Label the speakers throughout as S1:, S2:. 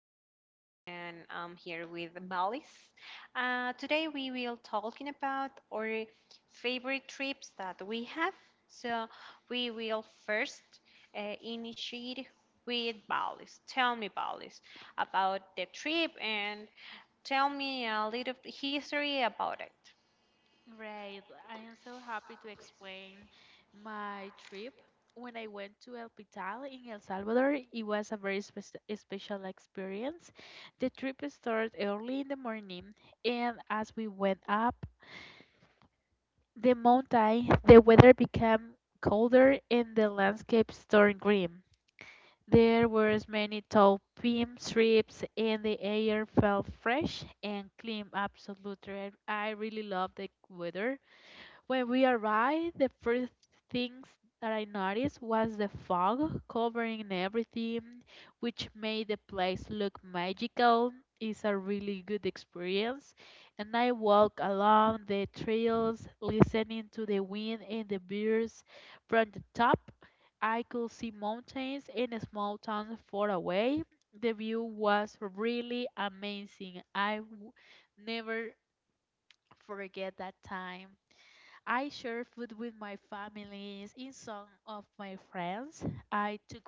S1: This is Ami, and I'm here with Balis. Today, we will talking about our favorite trips that we have. So, we will first initiate with Balis. Tell me, Balis, about the trip and tell me a little history about it.
S2: Right. I am so happy to explain my trip. When I went to El Pital in El Salvador, it was a very special experience. The trip started early in the morning, and as we went up the mountain, the weather became colder and the landscape turned grim. There were many tall pine trees, and the air felt fresh and clean. Absolutely, I really love the weather. When we arrived, the first things that I noticed was the fog covering everything, which made the place look magical. It's a really good experience. And I walk along the trails, listening to the wind and the birds. From the top, I could see mountains and small towns far away. The view was really amazing. I never forget that time. I share food with my families and some of my friends. I took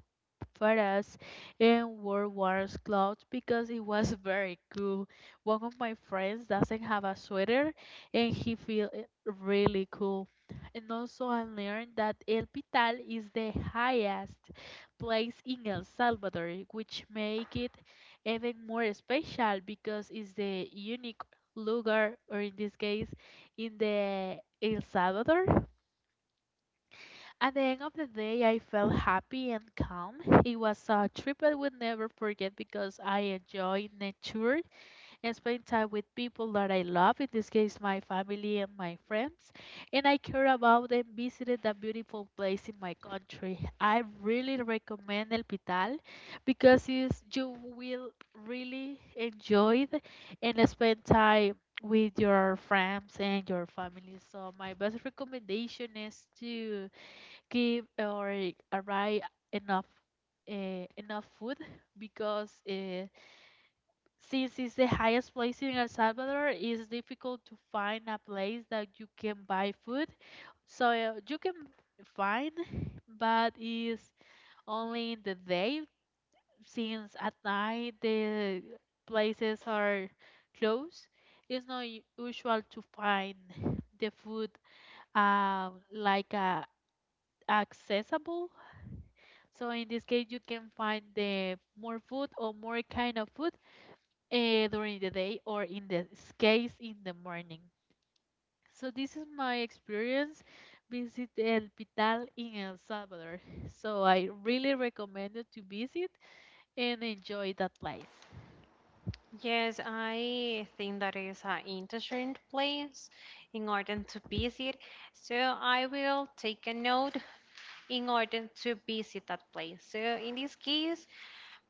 S2: for us in World War's clothes because it was very cool. One of my friends doesn't have a sweater and he feel it really cool. And also I learned that El Pital is the highest place in El Salvador, which make it even more special because it's the unique lugar or in this case in the El Salvador. At the end of the day, I felt happy and calm. It was a trip I would never forget because I enjoyed nature and spent time with people that I love, in this case, my family and my friends. And I care about and visited a beautiful place in my country. I really recommend El Pital because you will really enjoy it and spend time with your friends and your family. So, my best recommendation is to give or arrive enough enough food because since it's the highest place in El Salvador, it's difficult to find a place that you can buy food. So you can find, but it's only in the day since at night the places are closed. It's not usual to find the food like accessible. So in this case, you can find the more food or more kind of food during the day or in this case in the morning. So this is my experience visit El Pital in El Salvador. So I really recommend it to visit and enjoy that place.
S1: Yes, I think that is an interesting place in order to visit. So I will take a note in order to visit that place. So in this case,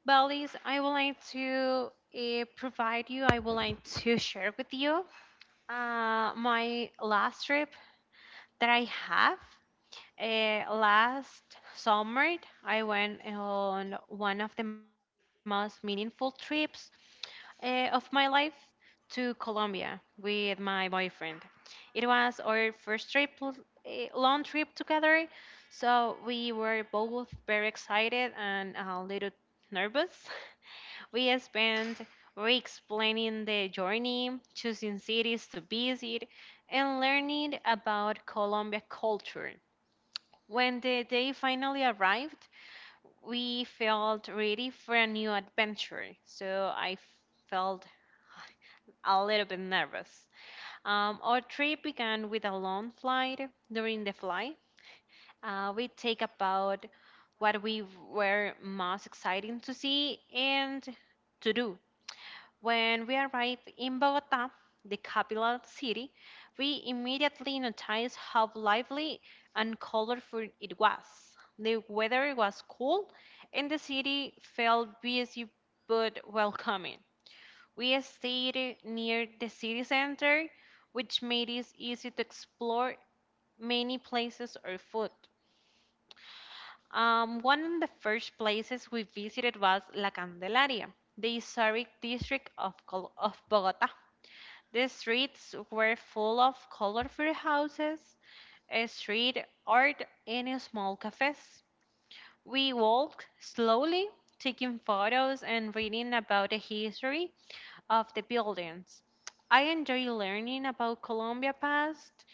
S1: Balis, I would like to provide you, I would like to share with you my last trip that I have. Last summer, I went on one of the most meaningful trips of my life to Colombia with my boyfriend. It was our first trip, long trip together, so we were both very excited and a little nervous. We spent weeks planning the journey, choosing cities to visit, and learning about Colombia culture. When the day finally arrived, we felt ready for a new adventure. So I felt a little bit nervous. Our trip began with a long flight. During the flight, we take about what we were most excited to see and to do. When we arrived in Bogota, the capital city, we immediately noticed how lively and colorful it was. The weather was cool and the city felt busy but welcoming. We stayed near the city center, which made it easy to explore many places or food. One of the first places we visited was La Candelaria, the historic district of Bogota. The streets were full of colorful houses, a street art, and small cafes. We walked slowly, taking photos and reading about the history of the buildings. I enjoy learning about Colombia past,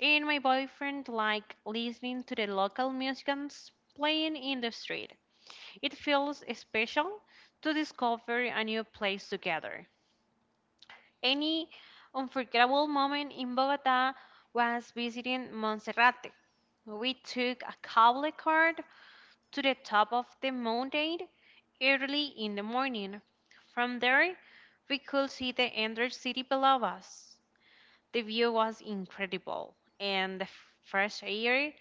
S1: and my boyfriend liked listening to the local musicians playing in the street. It feels special to discover a new place together. Any unforgettable moment in Bogota was visiting Monserrate. We took a cable car to the top of the mountain early in the morning. From there, we could see the entire city below us. The view was incredible, and the fresh air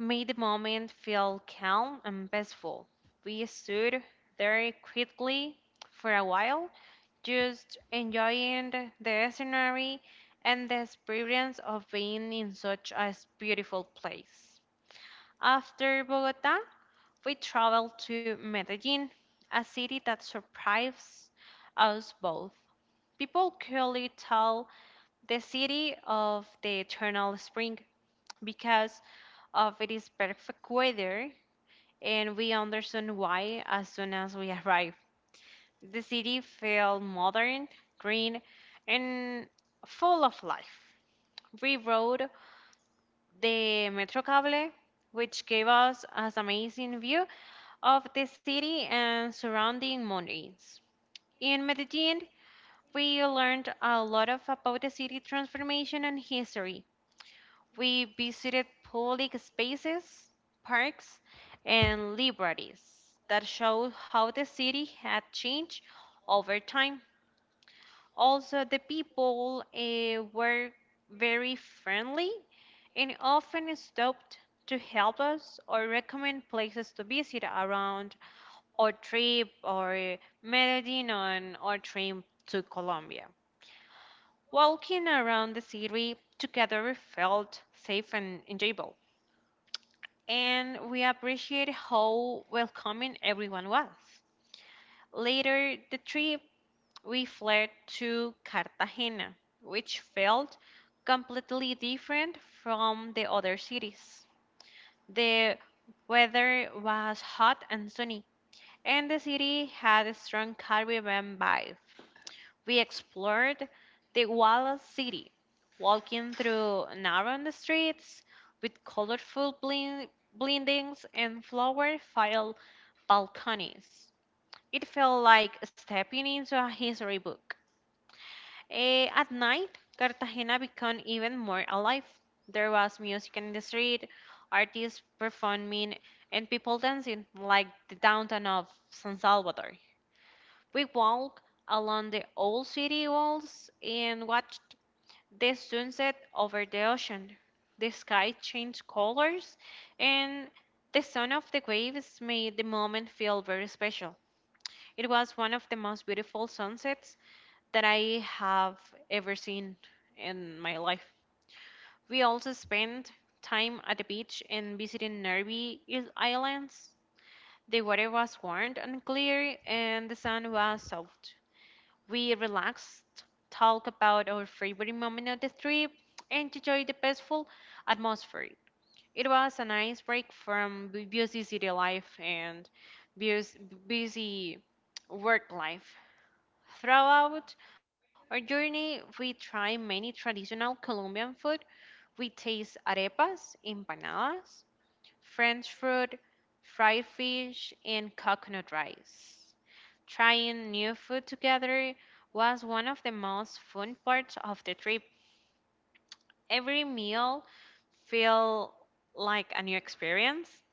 S1: made the moment feel calm and peaceful. We stood there quietly for a while, just enjoying the scenery and the experience of being in such a beautiful place. After Bogota, we traveled to Medellin, a city that surprised us both. People clearly tell the city of the eternal spring because of its perfect weather, and we understand why as soon as we arrive. The city felt modern, green, and full of life. We rode the Metrocable, which gave us an amazing view of the city and surrounding mountains. In Medellin, we learned a lot of about the city transformation and history. We visited public spaces, parks, and libraries that showed how the city had changed over time. Also, the people were very friendly and often stopped to help us or recommend places to visit around our trip or Medellin on our trip to Colombia. Walking around the city together felt safe and enjoyable, and we appreciated how welcoming everyone was. Later, the trip we fled to Cartagena, which felt completely different from the other cities. The weather was hot and sunny, and the city had a strong Caribbean vibe. We explored the Wallace City, walking through narrow streets with colorful blendings and flower-filled balconies. It felt like stepping into a history book. At night, Cartagena became even more alive. There was music in the street, artists performing, and people dancing, like the downtown of San Salvador. We walked along the old city walls and watched the sunset over the ocean. The sky changed colors, and the sound of the waves made the moment feel very special. It was one of the most beautiful sunsets that I have ever seen in my life. We also spent time at the beach and visiting nearby islands. The water was warm and clear, and the sun was soft. We relaxed, talked about our favorite moment of the trip, and enjoyed the peaceful atmosphere. It was a nice break from busy city life and bus- busy work life. Throughout our journey, we try many traditional Colombian food. We taste arepas, empanadas, French fruit, fried fish, and coconut rice. Trying new food together was one of the most fun parts of the trip. Every meal felt like a new experience,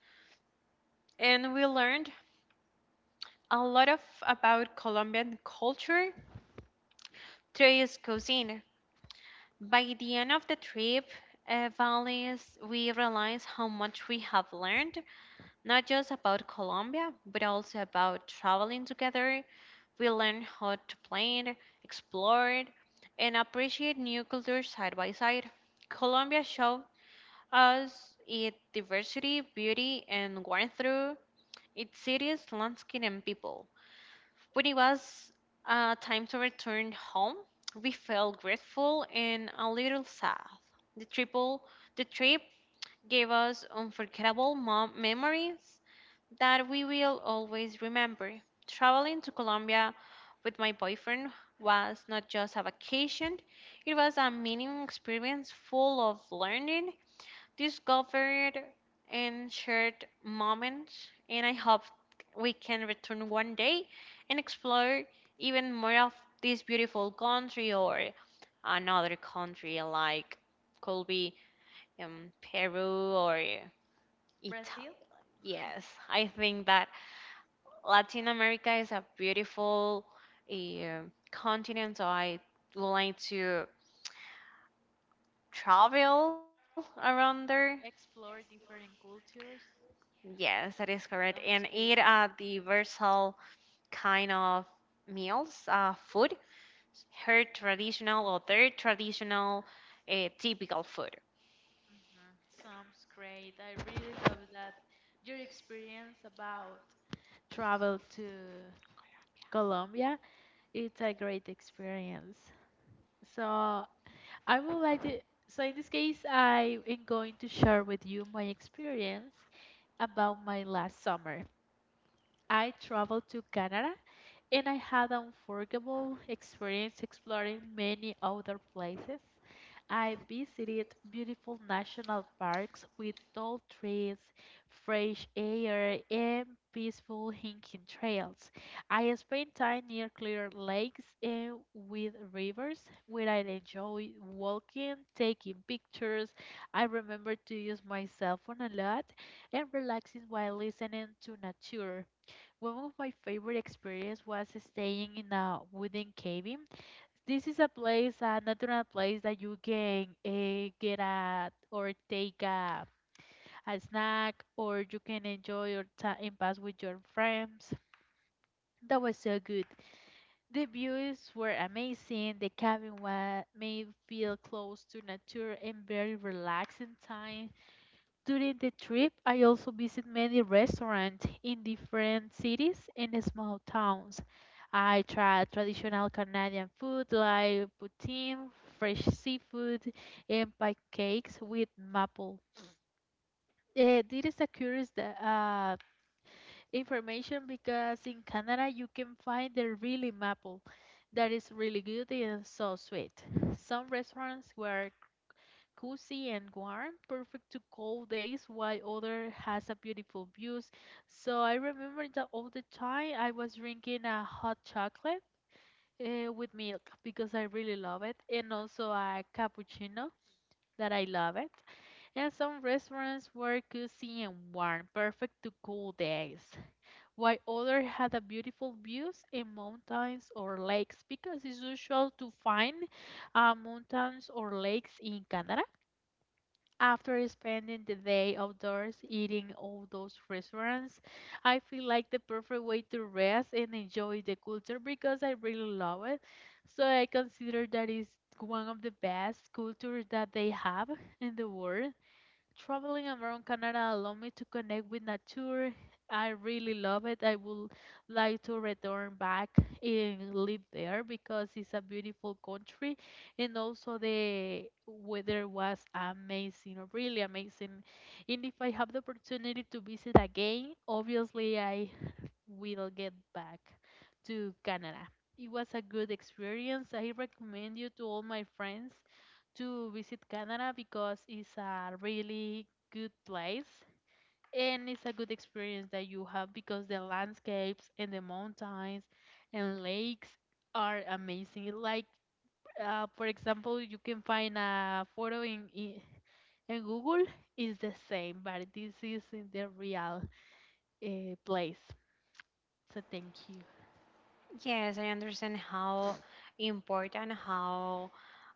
S1: and we learned a lot of about Colombian culture through his cuisine. By the end of the trip, Valles, we realized how much we have learned, not just about Colombia, but also about traveling together. We learned how to plan, explore, and appreciate new cultures side by side. Colombia showed us its diversity, beauty, and warmth through its cities, landscape, and people. When it was time to return home, we felt grateful and a little sad. The triple, the trip gave us unforgettable memories that we will always remember. Traveling to Colombia with my boyfriend was not just a vacation; it was a meaningful experience full of learning discovered, and shared moments. And I hope we can return one day and explore even more of this beautiful country or another country, like could be Peru or
S2: Brazil,
S1: Italy. Yes, I think that Latin America is a beautiful uh, continent, so I would like to travel around there.
S2: explore different cultures.
S1: Yes, that is correct. And
S2: Sounds
S1: eat
S2: good.
S1: the versatile kind of meals, food, her traditional or their traditional typical food.
S2: Mhm. Sounds great. I really love that your experience about travel to Colombia, it's a great experience. So I would like to. So in this case, I am going to share with you my experience about my last summer. I traveled to Canada and I had an unforgettable experience exploring many other places. I visited beautiful national parks with tall trees, fresh air, and peaceful hiking trails. I spent time near clear lakes and with rivers where I enjoyed walking, taking pictures. I remember to use my cell phone a lot and relaxing while listening to nature. One of my favorite experiences was staying in a wooden cabin. This is a place, a natural place that you can get at or take a snack, or you can enjoy your time pass with your friends. That was so good. The views were amazing. The cabin was made feel close to nature and very relaxing time. During the trip, I also visit many restaurants in different cities and small towns. I tried traditional Canadian food like poutine, fresh seafood, and pancakes with maple. This is a curious information because in Canada you can find the really maple that is really good and so sweet. Some restaurants were cozy and warm, perfect to cold days, while other has a beautiful views. So I remember that all the time I was drinking a hot chocolate with milk because I really love it, and also a cappuccino that I love it. And some restaurants were cozy and warm, perfect to cool days, while other had a beautiful views in mountains or lakes because it's usual to find mountains or lakes in Canada. After spending the day outdoors eating all those restaurants, I feel like the perfect way to rest and enjoy the culture because I really love it. So I consider that is one of the best cultures that they have in the world. Traveling around Canada allowed me to connect with nature. I really love it. I would like to return back and live there because it's a beautiful country and also the weather was amazing, really amazing. And if I have the opportunity to visit again, obviously I we'll get back to Canada. It was a good experience. I recommend you to all my friends to visit Canada because it's a really good place and it's a good experience that you have because the landscapes and the mountains and lakes are amazing. Like, for example, you can find a photo in Google is the same, but this is in the real place. So thank you.
S1: Yes, I understand how important, how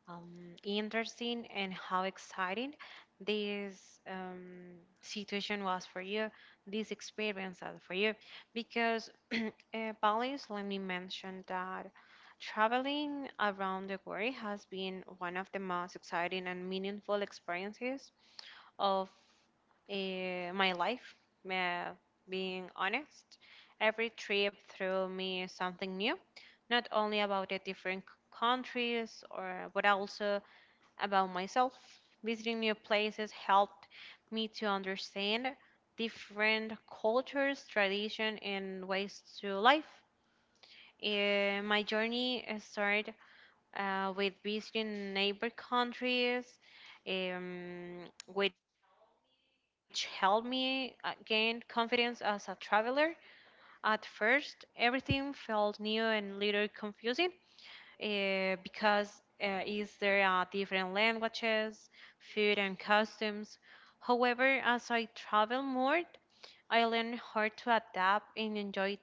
S1: interesting and how exciting this situation was for you, this experience was for you. Because, Palis, let me mention that traveling around the world has been one of the most exciting and meaningful experiences of my life. Uh, being honest, every trip threw me something new not only about the different countries or but also about myself. Visiting new places helped me to understand different cultures, tradition, and ways to life. My journey started with visiting neighbor countries, um, which helped me gain confidence as a traveler. At first, everything felt new and little confusing, because is there are different languages, food and customs. However, as I travel more, I learn how to adapt and enjoy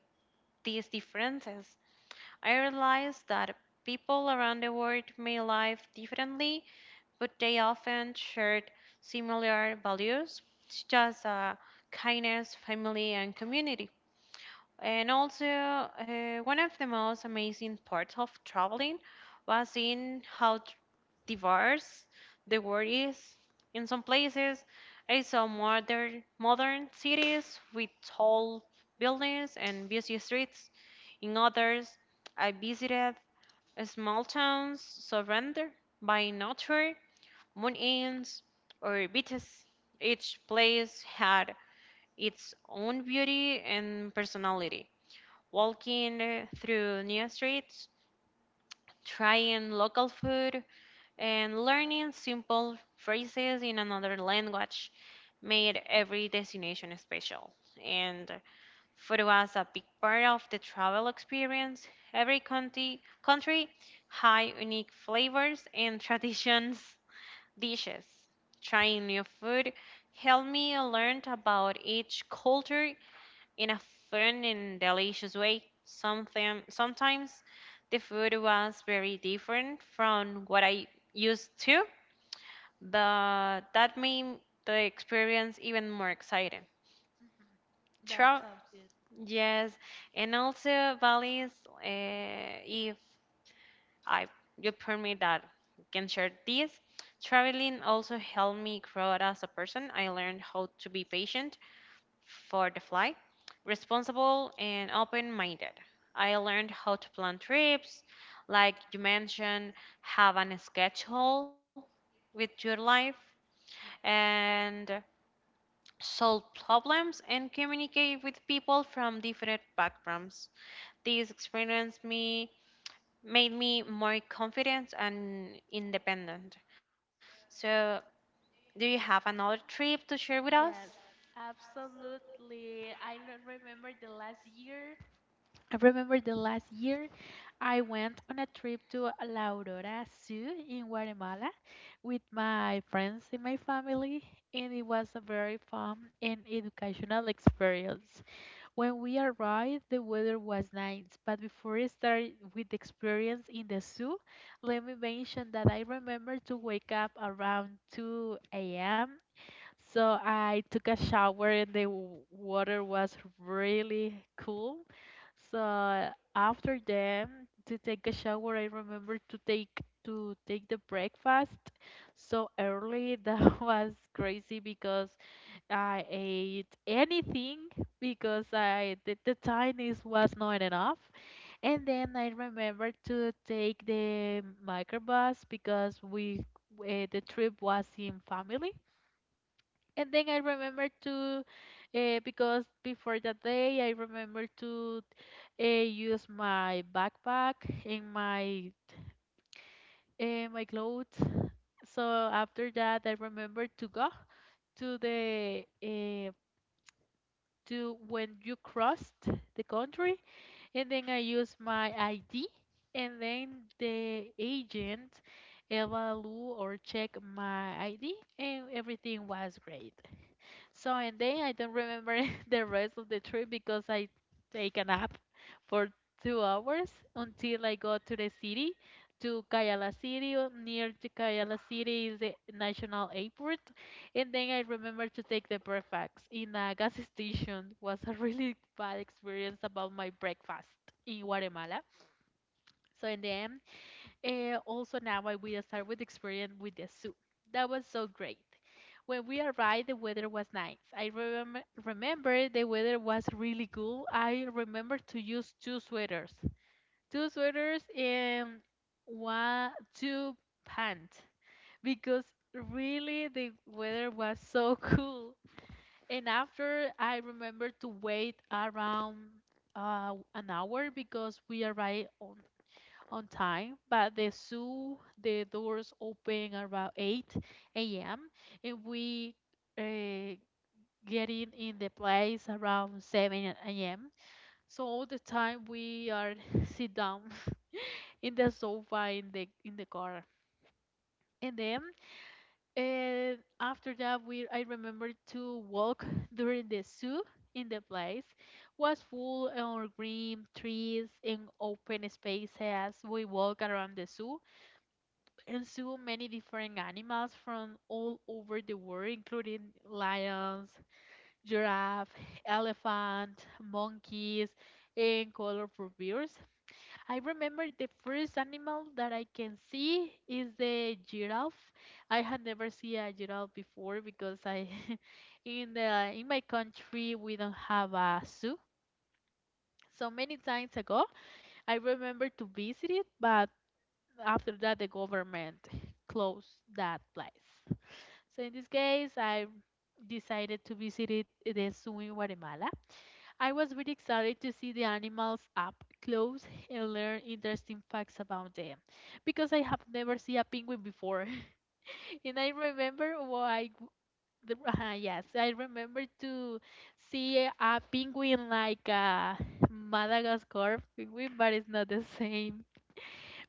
S1: these differences. I realize that people around the world may live differently, but they often share similar values, such as kindness, family, and community. And also, one of the most amazing parts of traveling was seeing how diverse the world is. In some places, I saw modern cities with tall buildings and busy streets. In others, I visited small towns surrounded by nature, mountains, or beaches. Each place had its own beauty and personality walking through new streets, trying local food, and learning simple phrases in another language made every destination special. And food was a big part of the travel experience. Every country had unique flavors and traditions, dishes. Trying new food helped me learn about each culture in a fun and delicious way. Sometimes the food was very different from what I used to, but that made the experience even more exciting.
S2: That
S1: True.
S2: sounds good.
S1: Yes, and also Bali's, if I you permit that I can share this, traveling also helped me grow as a person. I learned how to be patient for the flight, responsible and open minded. I learned how to plan trips, like you mentioned, have a schedule with your life and solve problems and communicate with people from different backgrounds. This experience me made me more confident and independent. So, do you have another trip to share with us?
S2: Yes, absolutely. I don't remember the last year. I remember the last year I went on a trip to La Aurora Zoo in Guatemala with my friends and my family, and it was a very fun and educational experience. When we arrived, the weather was nice, but before I start with the experience in the zoo, let me mention that I remember to wake up around 2 a.m. So I took a shower and the water was really cool. So after them to take a shower, I remember to take the breakfast so early. That was crazy because I ate anything because I the tinies was not enough. And then I remembered to take the microbus because we the trip was in family. And then because before that day, I remember to use my backpack and my clothes. So after that, I remember to go to the uh, to when you crossed the country, and then I use my ID, and then the agent evaluate or check my ID, and everything was great. So, and then I don't remember the rest of the trip because I take a nap for 2 hours until I got to the city, to Cayala City. Near to Cayala City is the national airport. And then I remember to take the breakfast in a gas station. Was a really bad experience about my breakfast in Guatemala. So in the end, also now I will start with experience with the zoo. That was so great. When we arrived, the weather was nice. I remember the weather was really cool. I remember to use two sweaters and one two pants because really the weather was so cool. And after I remember to wait around an hour because we arrived on time, but the doors open around 8 a.m. And we uh, get in the place around 7 a.m. So all the time we are sit down in the sofa in the car. And then after that, we I remember to walk during the zoo in the place was full of green trees and open spaces. We walk around the zoo and saw many different animals from all over the world, including lions, giraffe, elephant, monkeys, and colorful birds. I remember the first animal that I can see is the giraffe. I had never seen a giraffe before because I in my country we don't have a zoo. So many times ago, I remember to visit it, but after that the government closed that place. So in this case, I decided to visit it, the zoo in Guatemala. I was really excited to see the animals up close and learn interesting facts about them because I have never seen a penguin before. And I remember the, yes, I remember to see a penguin like a Madagascar penguin, but it's not the same.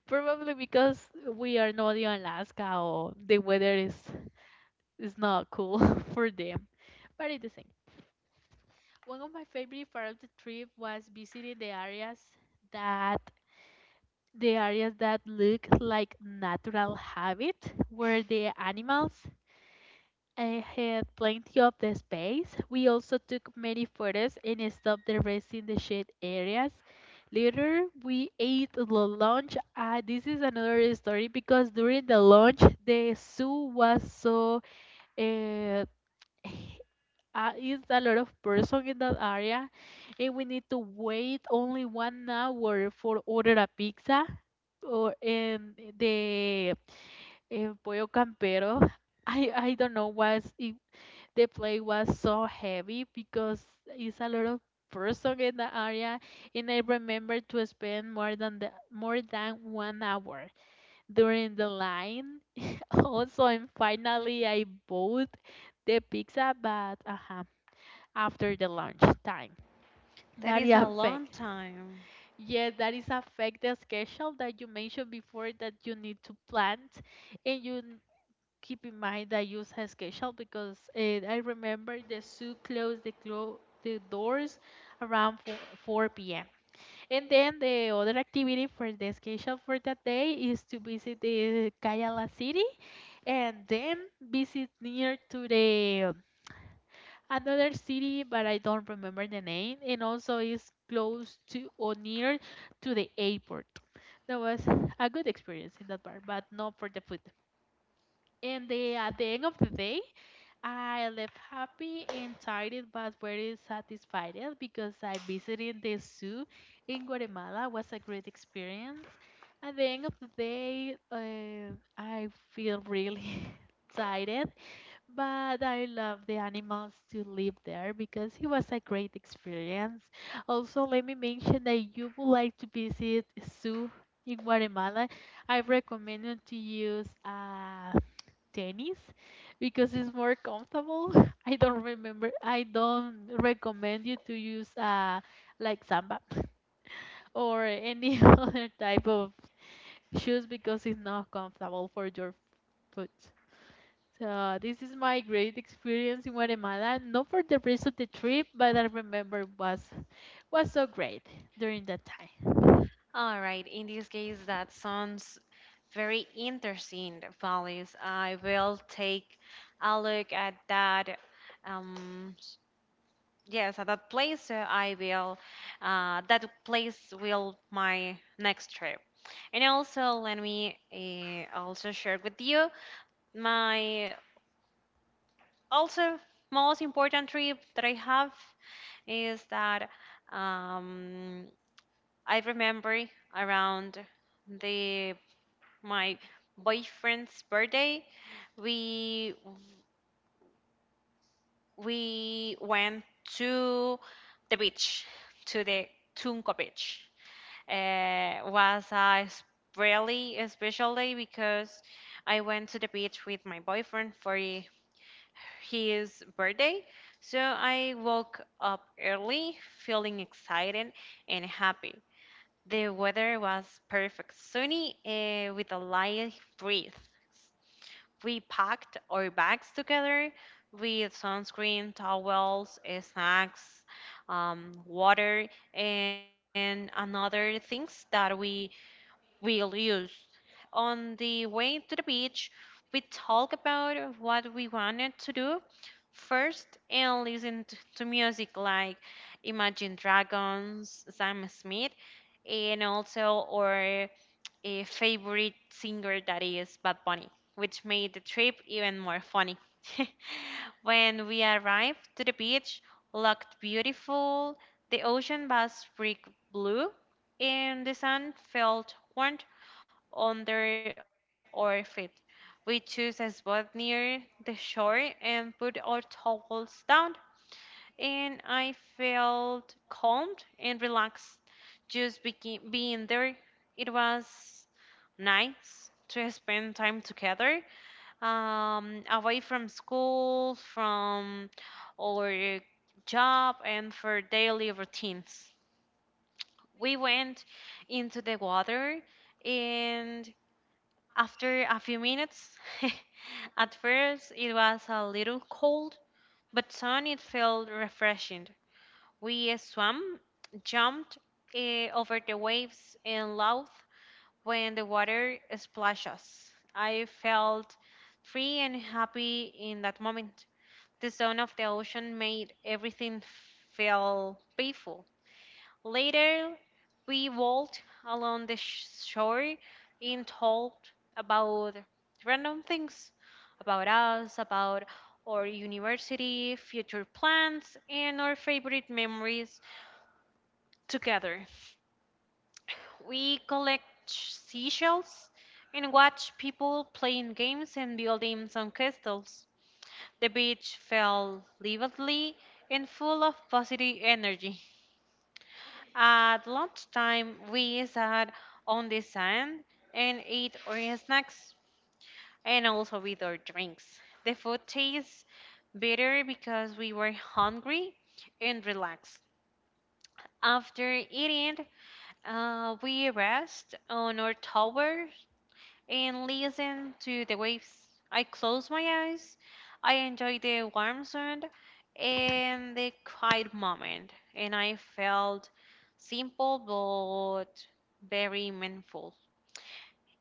S2: Probably because we are not in Alaska or the weather is not cool for them, but it's the same. One of my favorite part of the trip was visiting that the areas that look like natural habitat where the animals had plenty of the space. We also took many photos and stopped the rest in the shade areas. Later, we ate the lunch. This is another story because during the lunch, the zoo was so uh, is a lot of person in that area and we need to wait only 1 hour for order a pizza or in the pollo campero I don't know why it, the plate was so heavy because it's a lot of person in the area and I remember to spend more than more than 1 hour during the line also, and finally I bought the pizza but after the lunch time.
S1: That
S2: That is
S1: is a
S2: affect.
S1: long time.
S2: Yes, that is affect the schedule that you mentioned before that you need to plan, and keep in mind that use a schedule because I remember the zoo closed the doors around 4 p.m. And then the other activity for the schedule for that day is to visit the Cayala City and then visit near to the another city, but I don't remember the name, and also is close to or near to the airport. That was a good experience in that part, but not for the food. And at the end of the day, I left happy and tired, but very satisfied because I visited the zoo in Guatemala. Was a great experience. At the end of the day, I feel really tired, but I love the animals to live there because it was a great experience. Also, let me mention that you would like to visit zoo in Guatemala. I recommend you to use tennis because it's more comfortable. I don't remember. I don't recommend you to use like samba or any other type of shoes because it's not comfortable for your foot. So this is my great experience in Guatemala, not for the rest of the trip, but I remember was so great during that time.
S1: All right, in this case, that sounds very interesting, Valis. I will take a look at that. Um, yes, at that place, I will. That place will my next trip. And also, let me also share with you my also most important trip that I have is that um, I remember around the my boyfriend's birthday, we we went to the beach, to the Tunco beach. Was a really special day because I went to the beach with my boyfriend for his birthday. So I woke up early, feeling excited and happy. The weather was perfect, sunny, with a light breeze. We packed our bags together with sunscreen, towels, snacks, water, and another things that we will use. On the way to the beach, we talk about what we wanted to do first and listen to music like Imagine Dragons, Sam Smith, and also our a favorite singer that is Bad Bunny, which made the trip even more funny. When we arrived to the beach, looked beautiful, the ocean was brick blue, and the sun felt warm under our feet. We chose a spot near the shore and put our towels down and I felt calmed and relaxed just being there. It was nice to spend time together, away from school, from our job, and for daily routines. We went into the water, and after a few minutes, at first it was a little cold, but soon it felt refreshing. We swam, jumped over the waves, and laughed when the water splashed us. I felt free and happy in that moment. The sound of the ocean made everything feel peaceful. Later, we walked along the shore and talked about random things about us, about our university, future plans, and our favorite memories together. We collect seashells and watch people playing games and building some castles. The beach felt lively and full of positive energy. At lunchtime, we sat on the sand and ate our snacks and also with our drinks. The food tastes better because we were hungry and relaxed. After eating, we rest on our tower and listen to the waves. I close my eyes. I enjoy the warm sound and the quiet moment, and I felt simple but very meaningful.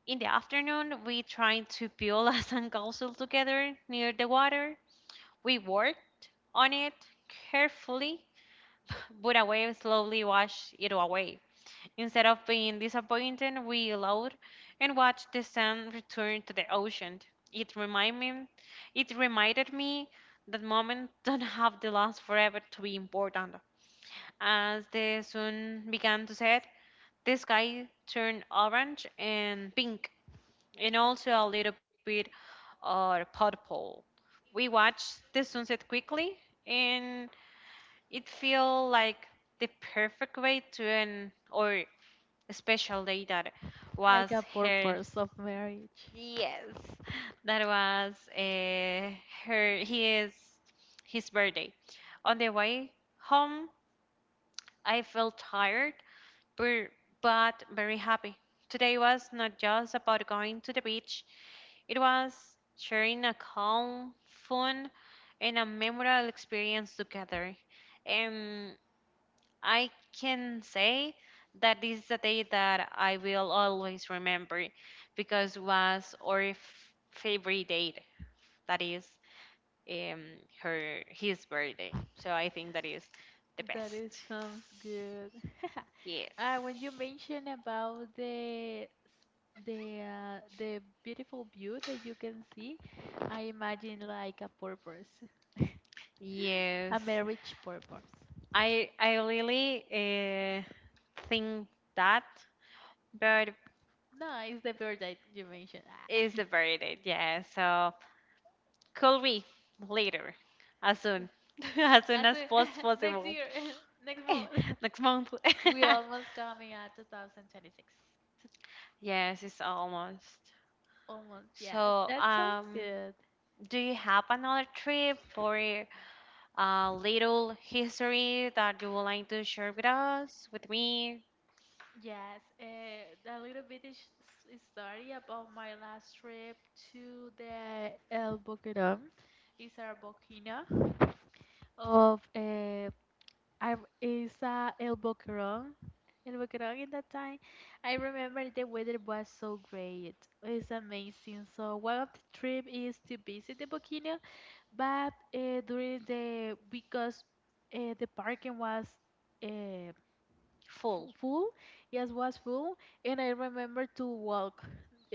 S1: In the afternoon, we tried to build a sandcastle together near the water. We worked on it carefully, but a wave slowly washed it away. Instead of being disappointed, we allowed and watched the sun return to the ocean. It reminded me, it reminded me that moments don't have to last forever to be important. As the sun began to set, the sky turned orange and pink, and also a little bit purple. We watched the sunset quickly, and it felt like the perfect way to end our special day, that
S2: Like
S1: was
S2: a
S1: her
S2: purpose of marriage.
S1: yes, that was her his birthday. On the way home, I felt tired but, but very happy. Today was not just about going to the beach. It was sharing a calm, fun, and a memorable experience together. Um, I can say that this is a day that I will always remember because was our favorite date. That is um, her his birthday. So I think that is the
S2: That is
S1: best.
S2: sounds good.
S1: Yes.
S2: When you mention about the beautiful view that you can see, I imagine like a purpose,
S1: Yes.
S2: a marriage purpose.
S1: I really think that bird
S2: No, it's the bird that you mentioned.
S1: is
S2: Ah.
S1: the birthday. Yeah. So could be later, as soon, as soon
S2: As
S1: as
S2: a- next
S1: possible.
S2: year, next month.
S1: Next month.
S2: We almost coming at 2026. T-
S1: Yes, it's almost.
S2: Almost, yeah.
S1: So,
S2: That sounds good.
S1: do you have another trip or a little history that you would like to share with us, with me?
S2: Yes, a little bit is story about my last trip to the El Boquerón. It's a volcano of I it's a El Boquerón. El Boquerón in that time, I remember the weather was so great. It's amazing. So one of the trip is to visit the volcano, But during the because the parking was uh,
S1: Full.
S2: full, yes, was full, and I remember to walk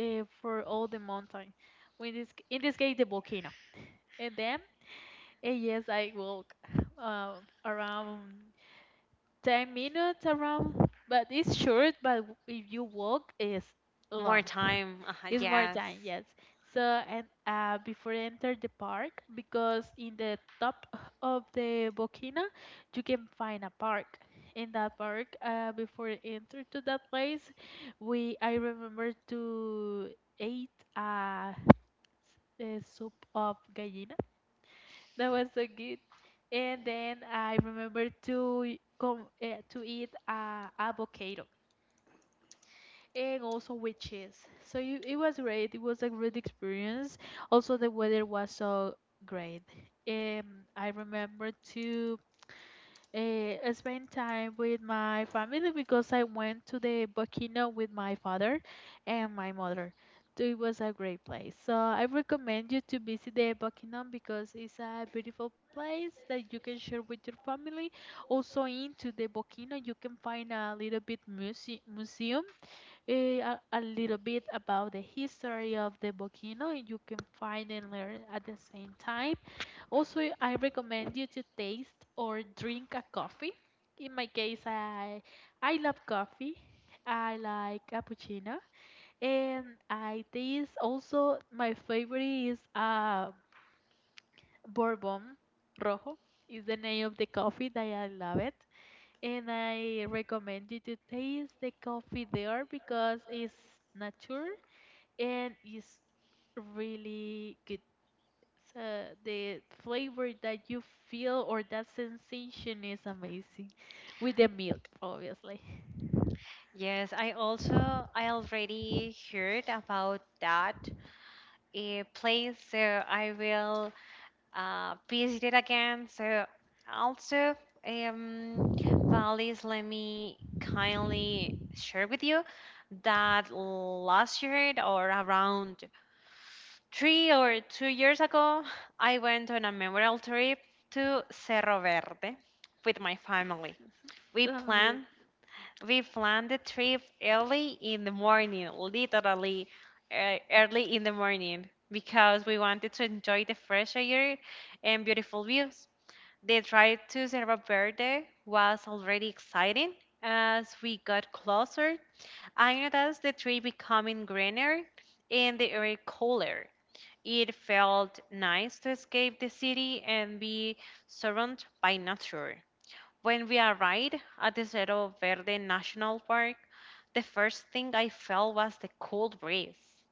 S2: for all the mountain. In this case, the volcano, and then yes, I walk uh, around 10 minutes around, but it's short. But if you walk, it's
S1: More
S2: long.
S1: time.
S2: It's more
S1: Yes.
S2: time, yes. So and before you enter the park, because in the top of the Bokina, you can find a park. In that park, before you enter to that place, we I remember to eat uh, a soup of gallina. That was so good. And then I remember to come to eat avocado. And also witches. So you, it was great. It was a great experience. Also, the weather was so great. I remember to spend time with my family because I went to the volcano with my father and my mother. So it was a great place. So I recommend you to visit the volcano because it's a beautiful place that you can share with your family. Also, into the volcano, you can find a little bit museum a little bit about the history of the volcano and you can find and learn at the same time. Also, I recommend you to taste or drink a coffee. In my case, I love coffee. I like cappuccino and I taste also my favorite is bourbon rojo is the name of the coffee that I love it and I recommend you to taste the coffee there because it's nature and it's really good. So the flavor that you feel or that sensation is amazing with the milk, obviously.
S1: Yes, I already heard about that a place, so I will PhD again. So also, um, Valis, let me kindly share with you that last year or around 3 or 2 years ago, I went on a memorial trip to Cerro Verde with my family. We
S2: Sounds good.
S1: planned we planned the trip early in the morning, literally early in the morning, because we wanted to enjoy the fresh air and beautiful views. The drive to Cerro Verde was already exciting. As we got closer, I noticed the tree becoming greener and the air cooler. It felt nice to escape the city and be surrounded by nature. When we arrived at the Cerro Verde National Park, the first thing I felt was the cold breeze.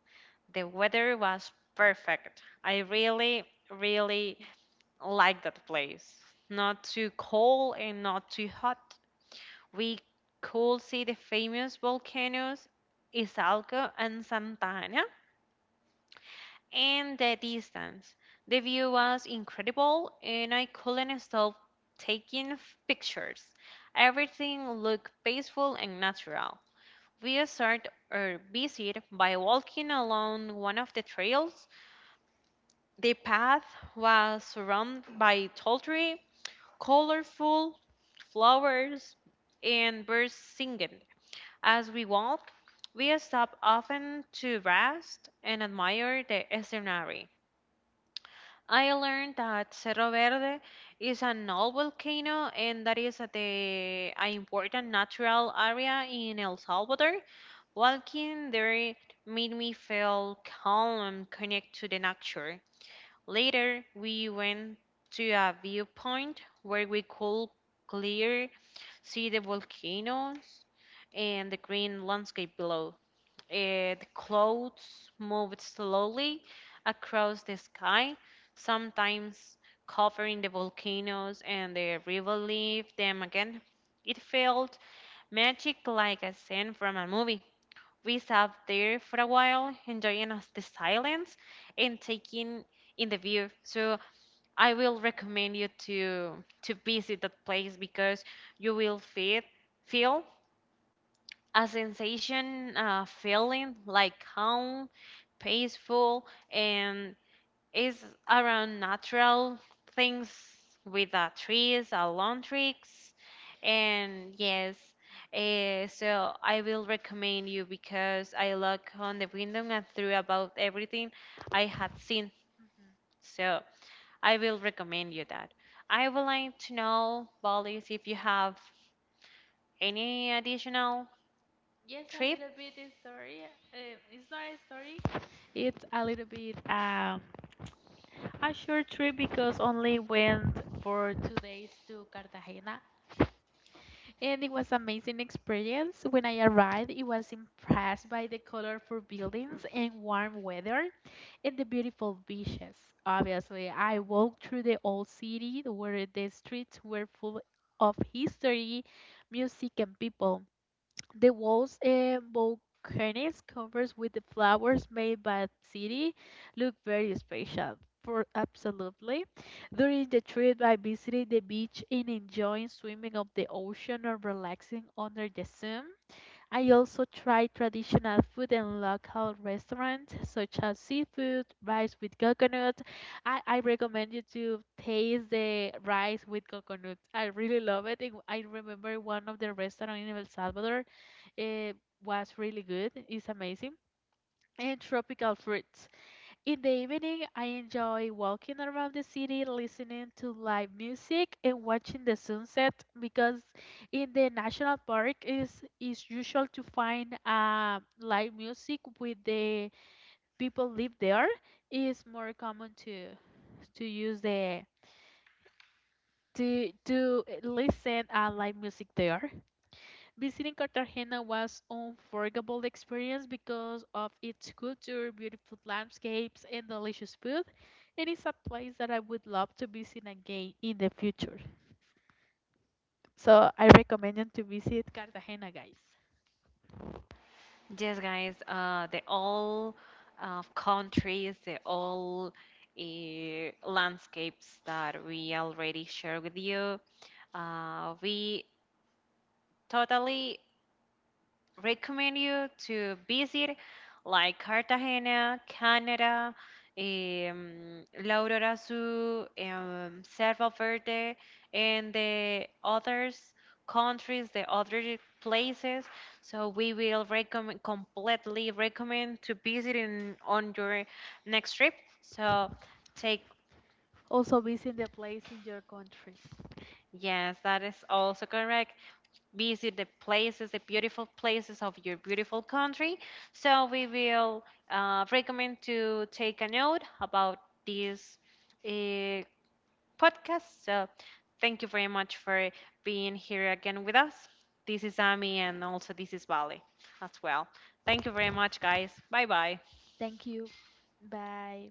S1: The weather was perfect. I really, really like that place. Not too cold and not too hot. We could see the famous volcanoes Izalco and Santa Ana and the distance. The view was incredible, and I couldn't stop taking pictures. Everything looked peaceful and natural. We started our visit by walking along one of the trails. The path was surrounded by tall trees, colorful flowers, and birds singing. As we walk, we stop often to rest and admire the scenery. I learned that Cerro Verde is an old volcano and that is the an important natural area in El Salvador. Walking there made me feel calm and connect to the nature. Later, we went to a viewpoint where we could clear see the volcanoes and the green landscape below. The clouds moved slowly across the sky, sometimes covering the volcanoes and the river leaf them again. It felt magic, like a scene from a movie. We sat there for a while, enjoying us the silence and taking in the view. So I will recommend you to visit that place because you will feel a sensation, feeling like calm, peaceful, and is around natural things with the trees, lawn tricks, and yes. So I will recommend you because I look on the window and through about everything I had seen.
S2: Mhm.
S1: So I will recommend you that. I would like to know, Bolis, if you have any additional
S2: Yes, a
S1: trip.
S2: little bit a story. It's not a story. It's a little bit a short trip because only went for 2 days to Cartagena, and it was amazing experience. When I arrived, it was impressed by the colorful buildings and warm weather. In the beautiful beaches. Obviously, I walked through the old city where the streets were full of history, music, and people. The walls and balconies covered with the flowers made by the city look very special. For absolutely. During the trip, I visited the beach and enjoying swimming up the ocean or relaxing under the sun. I also tried traditional food in local restaurants such as seafood, rice with coconut. I recommend you to taste the rice with coconut. I really love it. It- I remember one of the restaurants in El Salvador. It was really good. It's amazing. And tropical fruits. In the evening, I enjoy walking around the city, listening to live music and watching the sunset because in the national park is usual to find live music with the people live there. It's more common to use the to listen live music there. Visiting Cartagena was unforgettable experience because of its culture, beautiful landscapes, and delicious food. It is a place that I would love to visit again in the future. So I recommend you to visit Cartagena, guys.
S1: Yes, guys, they all countries, they all landscapes that we already shared with you. We totally recommend you to visit, like Cartagena, Canada, La Aurora Sur, Cerro Verde, and the others countries, the other places. So we will recommend completely recommend to visit in, on your next trip. So, take
S2: Also visit the place in your country.
S1: yes, that is also correct. Visit the places, the beautiful places of your beautiful country. So we will recommend to take a note about this uh, podcast. So thank you very much for being here again with us. This is Amy, and also this is Vale as well. Thank you very much, guys. Bye bye.
S2: Thank you. Bye.